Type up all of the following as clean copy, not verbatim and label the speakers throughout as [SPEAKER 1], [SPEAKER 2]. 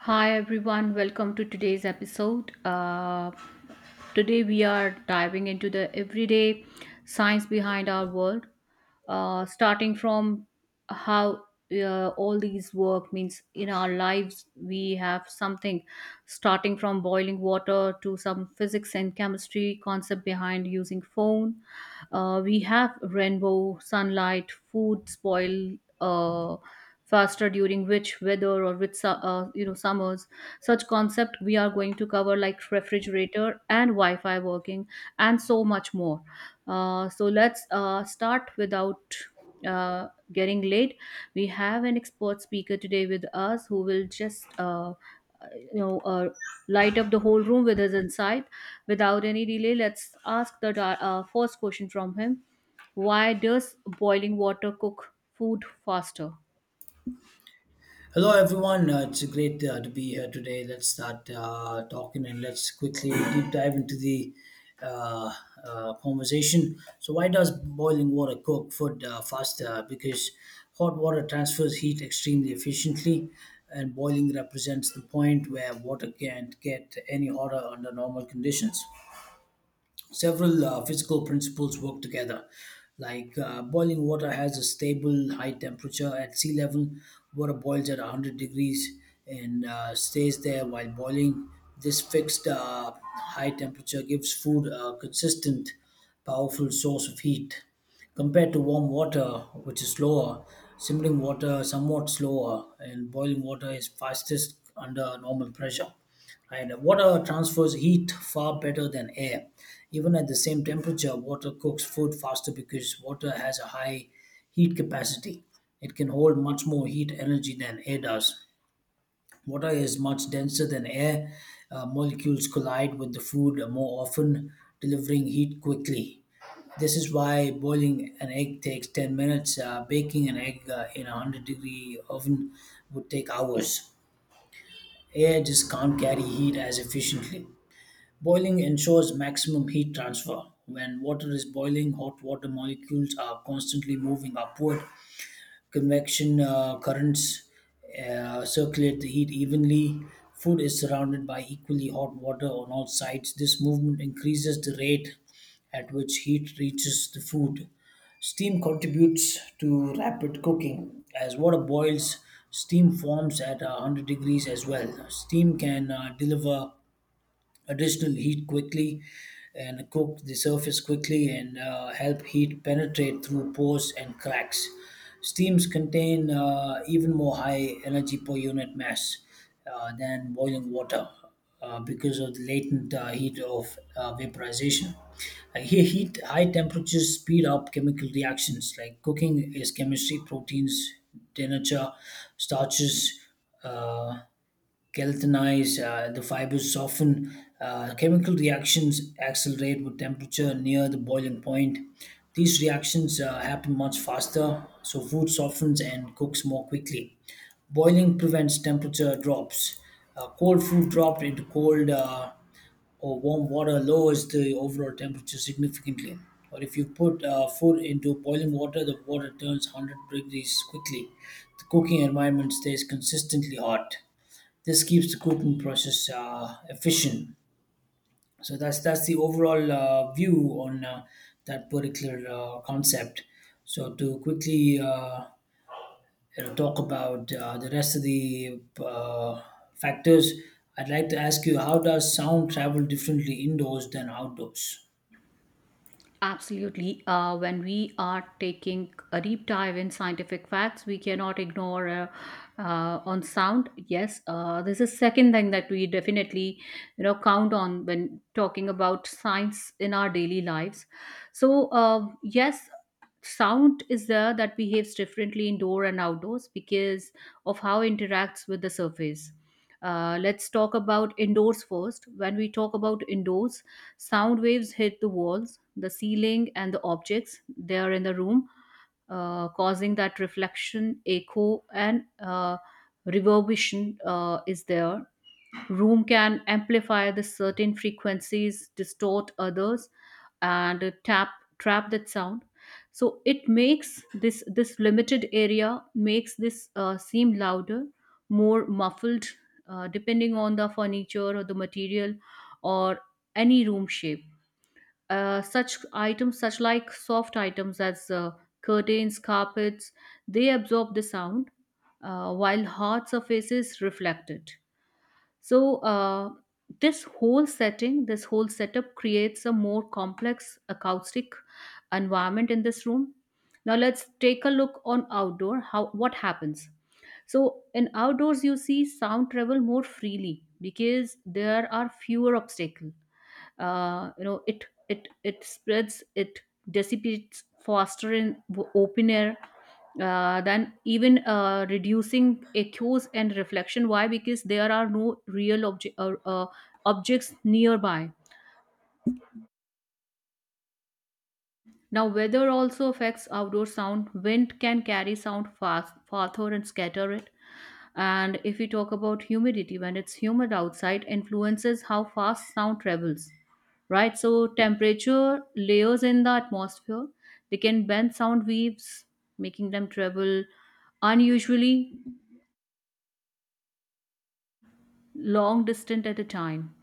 [SPEAKER 1] Hi everyone, welcome to today's episode. Today we are diving into the everyday science behind our world, starting from how all these work means in our lives. We have something starting from boiling water to some physics and chemistry concept behind using phone. We have rainbow, sunlight, food, spoil. Faster during which weather or which you know summers, such concept we are going to cover like refrigerator and wi-fi working and so much more. So let's start without uh, getting late. We have an expert speaker today with us who will just you know uh, light up the whole room with his insight. Without any delay, let's ask the first question from him. Why does boiling water cook food faster?
[SPEAKER 2] Hello, everyone. It's great to be here today. Let's start talking, and let's quickly deep dive into the uh, conversation. So, why does boiling water cook food faster? Because hot water transfers heat extremely efficiently, and boiling represents the point where water can't get any hotter under normal conditions. Several physical principles work together, like boiling water has a stable high temperature at sea level. Water boils at 100 degrees and stays there while boiling. This fixed high temperature gives food a consistent, powerful source of heat. Compared to warm water, which is slower, simmering water somewhat slower, and boiling water is fastest under normal pressure, right? Water transfers heat far better than air. Even at the same temperature, water cooks food faster because water has a high heat capacity. It can hold much more heat energy than air does. Water is much denser than air. Molecules collide with the food more often, delivering heat quickly. This is why boiling an egg takes 10 minutes. Baking an egg in a 100-degree oven would take hours. Air just can't carry heat as efficiently. Boiling ensures maximum heat transfer. When water is boiling, hot water molecules are constantly moving upward. Convection currents circulate the heat evenly. Food is surrounded by equally hot water on all sides. This movement increases the rate at which heat reaches the food. Steam contributes to rapid cooking. As water boils, steam forms at 100 degrees as well. Steam can deliver additional heat quickly and cook the surface quickly and help heat penetrate through pores and cracks. Steams contain even more high energy per unit mass than boiling water because of the latent heat of vaporization. Heat, high temperatures speed up chemical reactions, like cooking is chemistry. Proteins denature, starches Uh, galvanize, the fibers soften, chemical reactions accelerate with temperature near the boiling point. These reactions happen much faster, so food softens and cooks more quickly. Boiling prevents temperature drops. Cold food dropped into cold or warm water lowers the overall temperature significantly. Or if you put food into boiling water, the water turns 100 degrees quickly. The cooking environment stays consistently hot. This keeps the cooking process efficient. So that's the overall view on that particular concept. So, to quickly talk about the rest of the factors, I'd like to ask you: how does sound travel differently indoors than outdoors?
[SPEAKER 1] Absolutely. When we are taking a deep dive in scientific facts, we cannot ignore on sound. Yes, this is second thing that we definitely, you know, count on when talking about science in our daily lives. So yes, sound is there that behaves differently indoor and outdoors because of how it interacts with the surface. Let's talk about indoors first. When we talk about indoors, sound waves hit the walls, the ceiling, and the objects they are in the room, causing that reflection, echo, and reverberation is there. Room can amplify the certain frequencies, distort others, and tap trap that sound. So it makes this limited area makes this seem louder, more muffled, depending on the furniture or the material or any room shape. Such items, such like soft items as curtains, carpets, they absorb the sound while hard surfaces reflect it. So this whole setting, this whole setup creates a more complex acoustic environment in this room. Now let's take a look on outdoor how what happens. So in outdoors, you see sound travel more freely because there are fewer obstacles. You know, it spreads, it dissipates faster in open air than even reducing echoes and reflection. Why? Because there are no real objects nearby. Now, weather also affects outdoor sound. Wind can carry sound fast, farther and scatter it. And if we talk about humidity, when it's humid outside, influences how fast sound travels, right? So, temperature layers in the atmosphere, they can bend sound waves, making them travel unusually long distance at a time.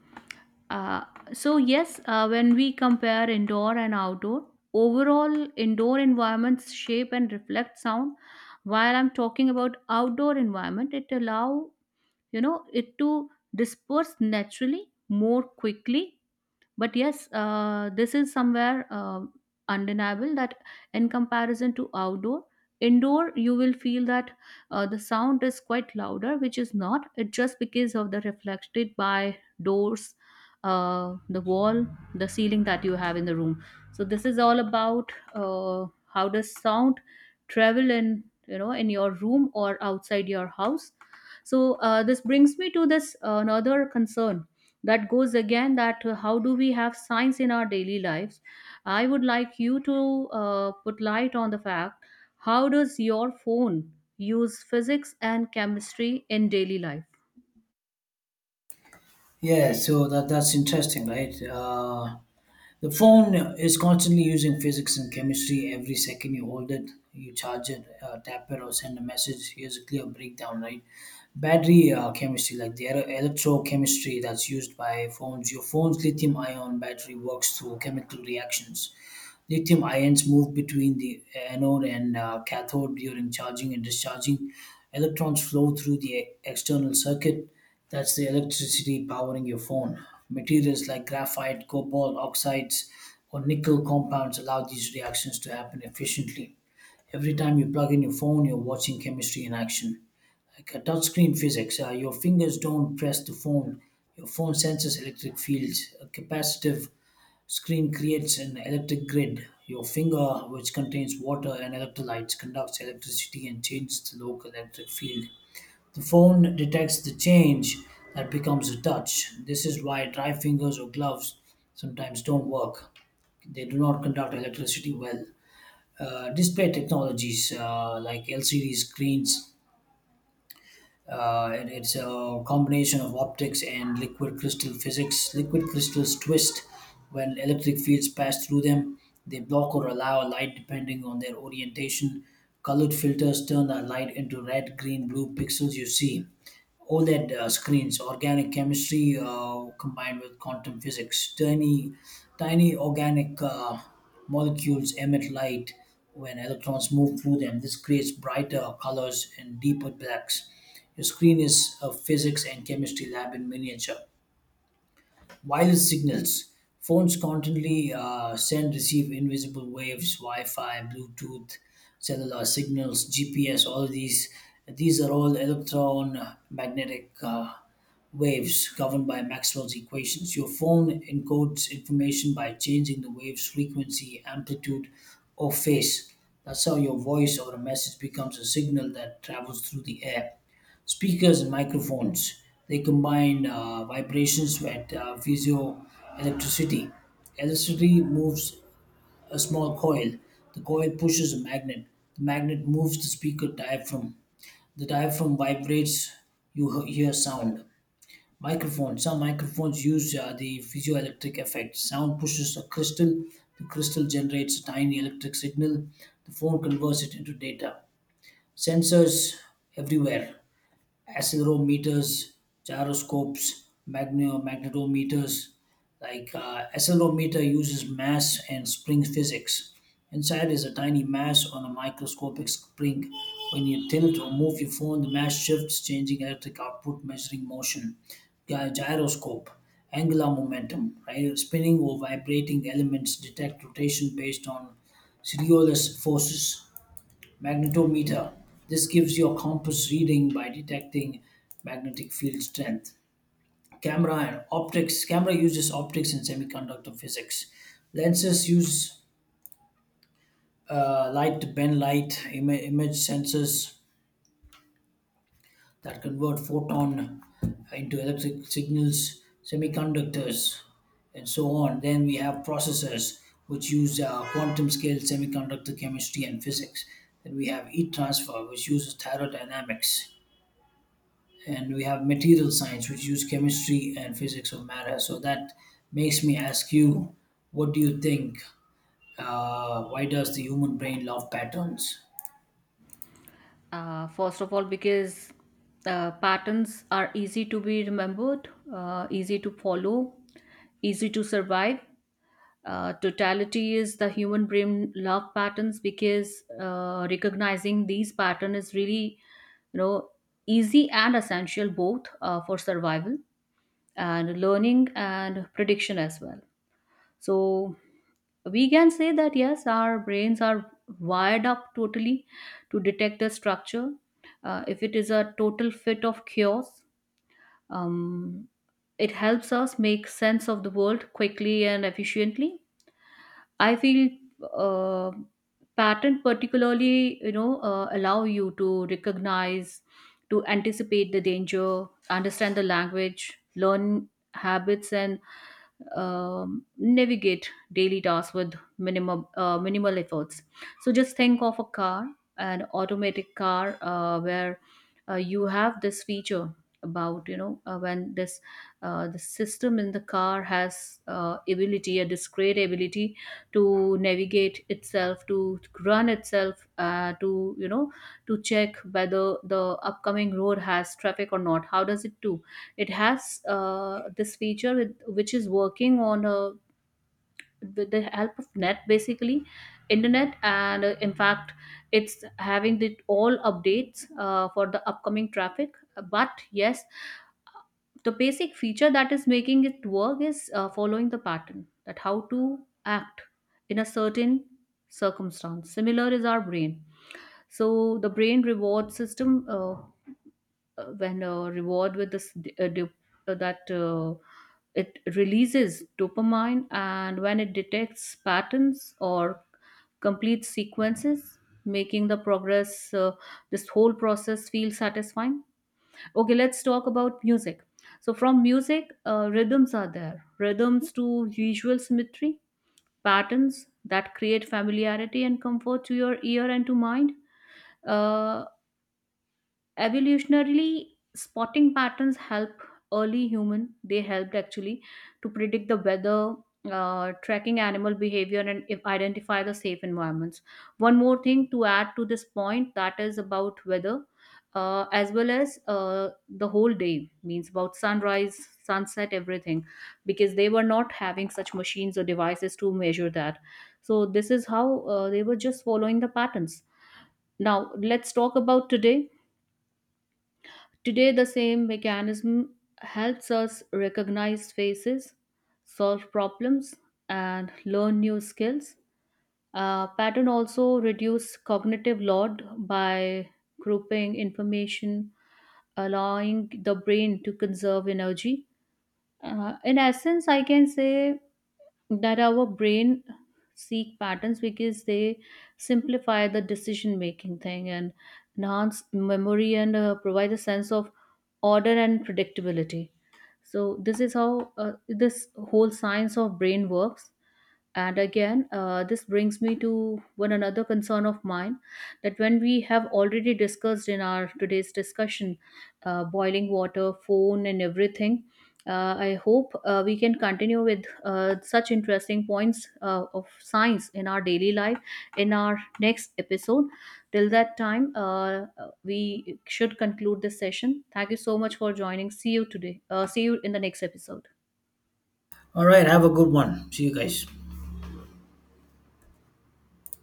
[SPEAKER 1] Uh, so yes, when we compare indoor and outdoor, overall indoor environments shape and reflect sound. While I'm talking about outdoor environment, it allow, you know, it to disperse naturally more quickly. But yes, this is somewhere undeniable that in comparison to outdoor, indoor, you will feel that the sound is quite louder, which is not. It just because of the reflected by doors, the wall, the ceiling that you have in the room. So this is all about how does sound travel in, you know, in your room or outside your house. So this brings me to this another concern that goes again, that how do we have science in our daily lives. I would like you to put light on the fact, how does your phone use physics and chemistry in daily life?
[SPEAKER 2] Yeah, so that's interesting, right? The phone is constantly using physics and chemistry. Every second you hold it, you charge it, tap it, or send a message. Here's a clear breakdown, right? Battery chemistry, like the electrochemistry that's used by phones. Your phone's lithium-ion battery works through chemical reactions. Lithium ions move between the anode and cathode during charging and discharging. Electrons flow through the external circuit; that's the electricity powering your phone. Materials like graphite, cobalt oxides, or nickel compounds allow these reactions to happen efficiently. Every time you plug in your phone, you're watching chemistry in action. Like a touchscreen physics, your fingers don't press the phone. Your phone senses electric fields. A capacitive screen creates an electric grid. Your finger, which contains water and electrolytes, conducts electricity and changes the local electric field. The phone detects the change; that becomes a touch. This is why dry fingers or gloves sometimes don't work. They do not conduct electricity well. Display technologies like LCD screens it's a combination of optics and liquid crystal physics. Liquid crystals twist when electric fields pass through them. They block or allow light depending on their orientation. Colored filters turn that light into red, green, blue pixels you see. OLED screens, organic chemistry combined with quantum physics. Tiny organic molecules emit light when electrons move through them. This creates brighter colors and deeper blacks. Your screen is a physics and chemistry lab in miniature. Wireless signals. Phones constantly send, receive invisible waves, Wi-Fi, Bluetooth, cellular signals, GPS. All of these are all electromagnetic waves governed by Maxwell's equations. Your phone encodes information by changing the wave's frequency, amplitude, or phase. That's how your voice or a message becomes a signal that travels through the air. Speakers and microphones. They combine vibrations with piezoelectricity. Electricity moves a small coil. The coil pushes a magnet. The magnet moves the speaker diaphragm. The diaphragm vibrates. You hear sound. Microphones. Some microphones use the piezoelectric effect. Sound pushes a crystal. The crystal generates a tiny electric signal. The phone converts it into data. Sensors everywhere: accelerometers, gyroscopes, magnetometers. Like accelerometer uses mass and spring physics. Inside is a tiny mass on a microscopic spring. When you tilt or move your phone, the mass shifts, changing electric output, measuring motion. Gyroscope, angular momentum, right? Spinning or vibrating elements detect rotation based on serioless forces. Magnetometer. This gives your compass reading by detecting magnetic field strength. Camera and optics. Camera uses optics and semiconductor physics. Lenses use light to bend light. Image sensors that convert photon into electric signals. Semiconductors and so on. Then we have processors, which use quantum scale semiconductor chemistry and physics. Then we have heat transfer, which uses thermodynamics, and we have material science, which use chemistry and physics of matter. So that makes me ask you: what do you think, why does the human brain love patterns?
[SPEAKER 1] First of all, because patterns are easy to be remembered, easy to follow, easy to survive. Totality is the human brain love patterns because recognizing these pattern is really, you know, easy and essential both, for survival and learning and prediction as well. So we can say that yes, our brains are wired up totally to detect the structure, if it is a total fit of chaos. um, it helps us make sense of the world quickly and efficiently, I feel. uh, Patent particularly, you know, allow you to recognize, to anticipate the danger, understand the language, learn habits, and navigate daily tasks with minimum minimal efforts. So just think of a car, an automatic car, where you have this feature about, you know, when this the system in the car has ability a discrete ability to navigate itself, to run itself, to, you know, to check whether the upcoming road has traffic or not. How does it do? It has this feature which is working on a, with the help of net, basically internet, and in fact it's having the all updates for the upcoming traffic. But yes, the basic feature that is making it work is following the pattern, that how to act in a certain circumstance. Similar is our brain. So the brain reward system, when reward with this d- dop- that it releases dopamine, and when it detects patterns or complete sequences making the progress, this whole process feel satisfying. Okay, let's talk about music. So, from music, rhythms are there. Rhythms to visual symmetry, patterns that create familiarity and comfort to your ear and to mind. Uh, Evolutionarily, spotting patterns help early human, they helped actually to predict the weather, tracking animal behavior and if identify the safe environments. One more thing to add to this point, that is about weather as well as the whole day, means about sunrise, sunset, everything, because they were not having such machines or devices to measure that. So this is how they were just following the patterns. Now let's talk about today. Today, the same mechanism helps us recognize faces, solve problems, and learn new skills. Pattern also reduce cognitive load by grouping information, allowing the brain to conserve energy. In essence, I can say that our brain seek patterns because they simplify the decision making thing and enhance memory, and provide a sense of order and predictability. So this is how, this whole science of brain works. And again, this brings me to one another concern of mine, that when we have already discussed in our today's discussion, boiling water, phone, and everything, I hope we can continue with such interesting points of science in our daily life in our next episode. Till that time, we should conclude this session. Thank you so much for joining. See you today. See you in the next episode.
[SPEAKER 2] All right, have a good one. See you guys.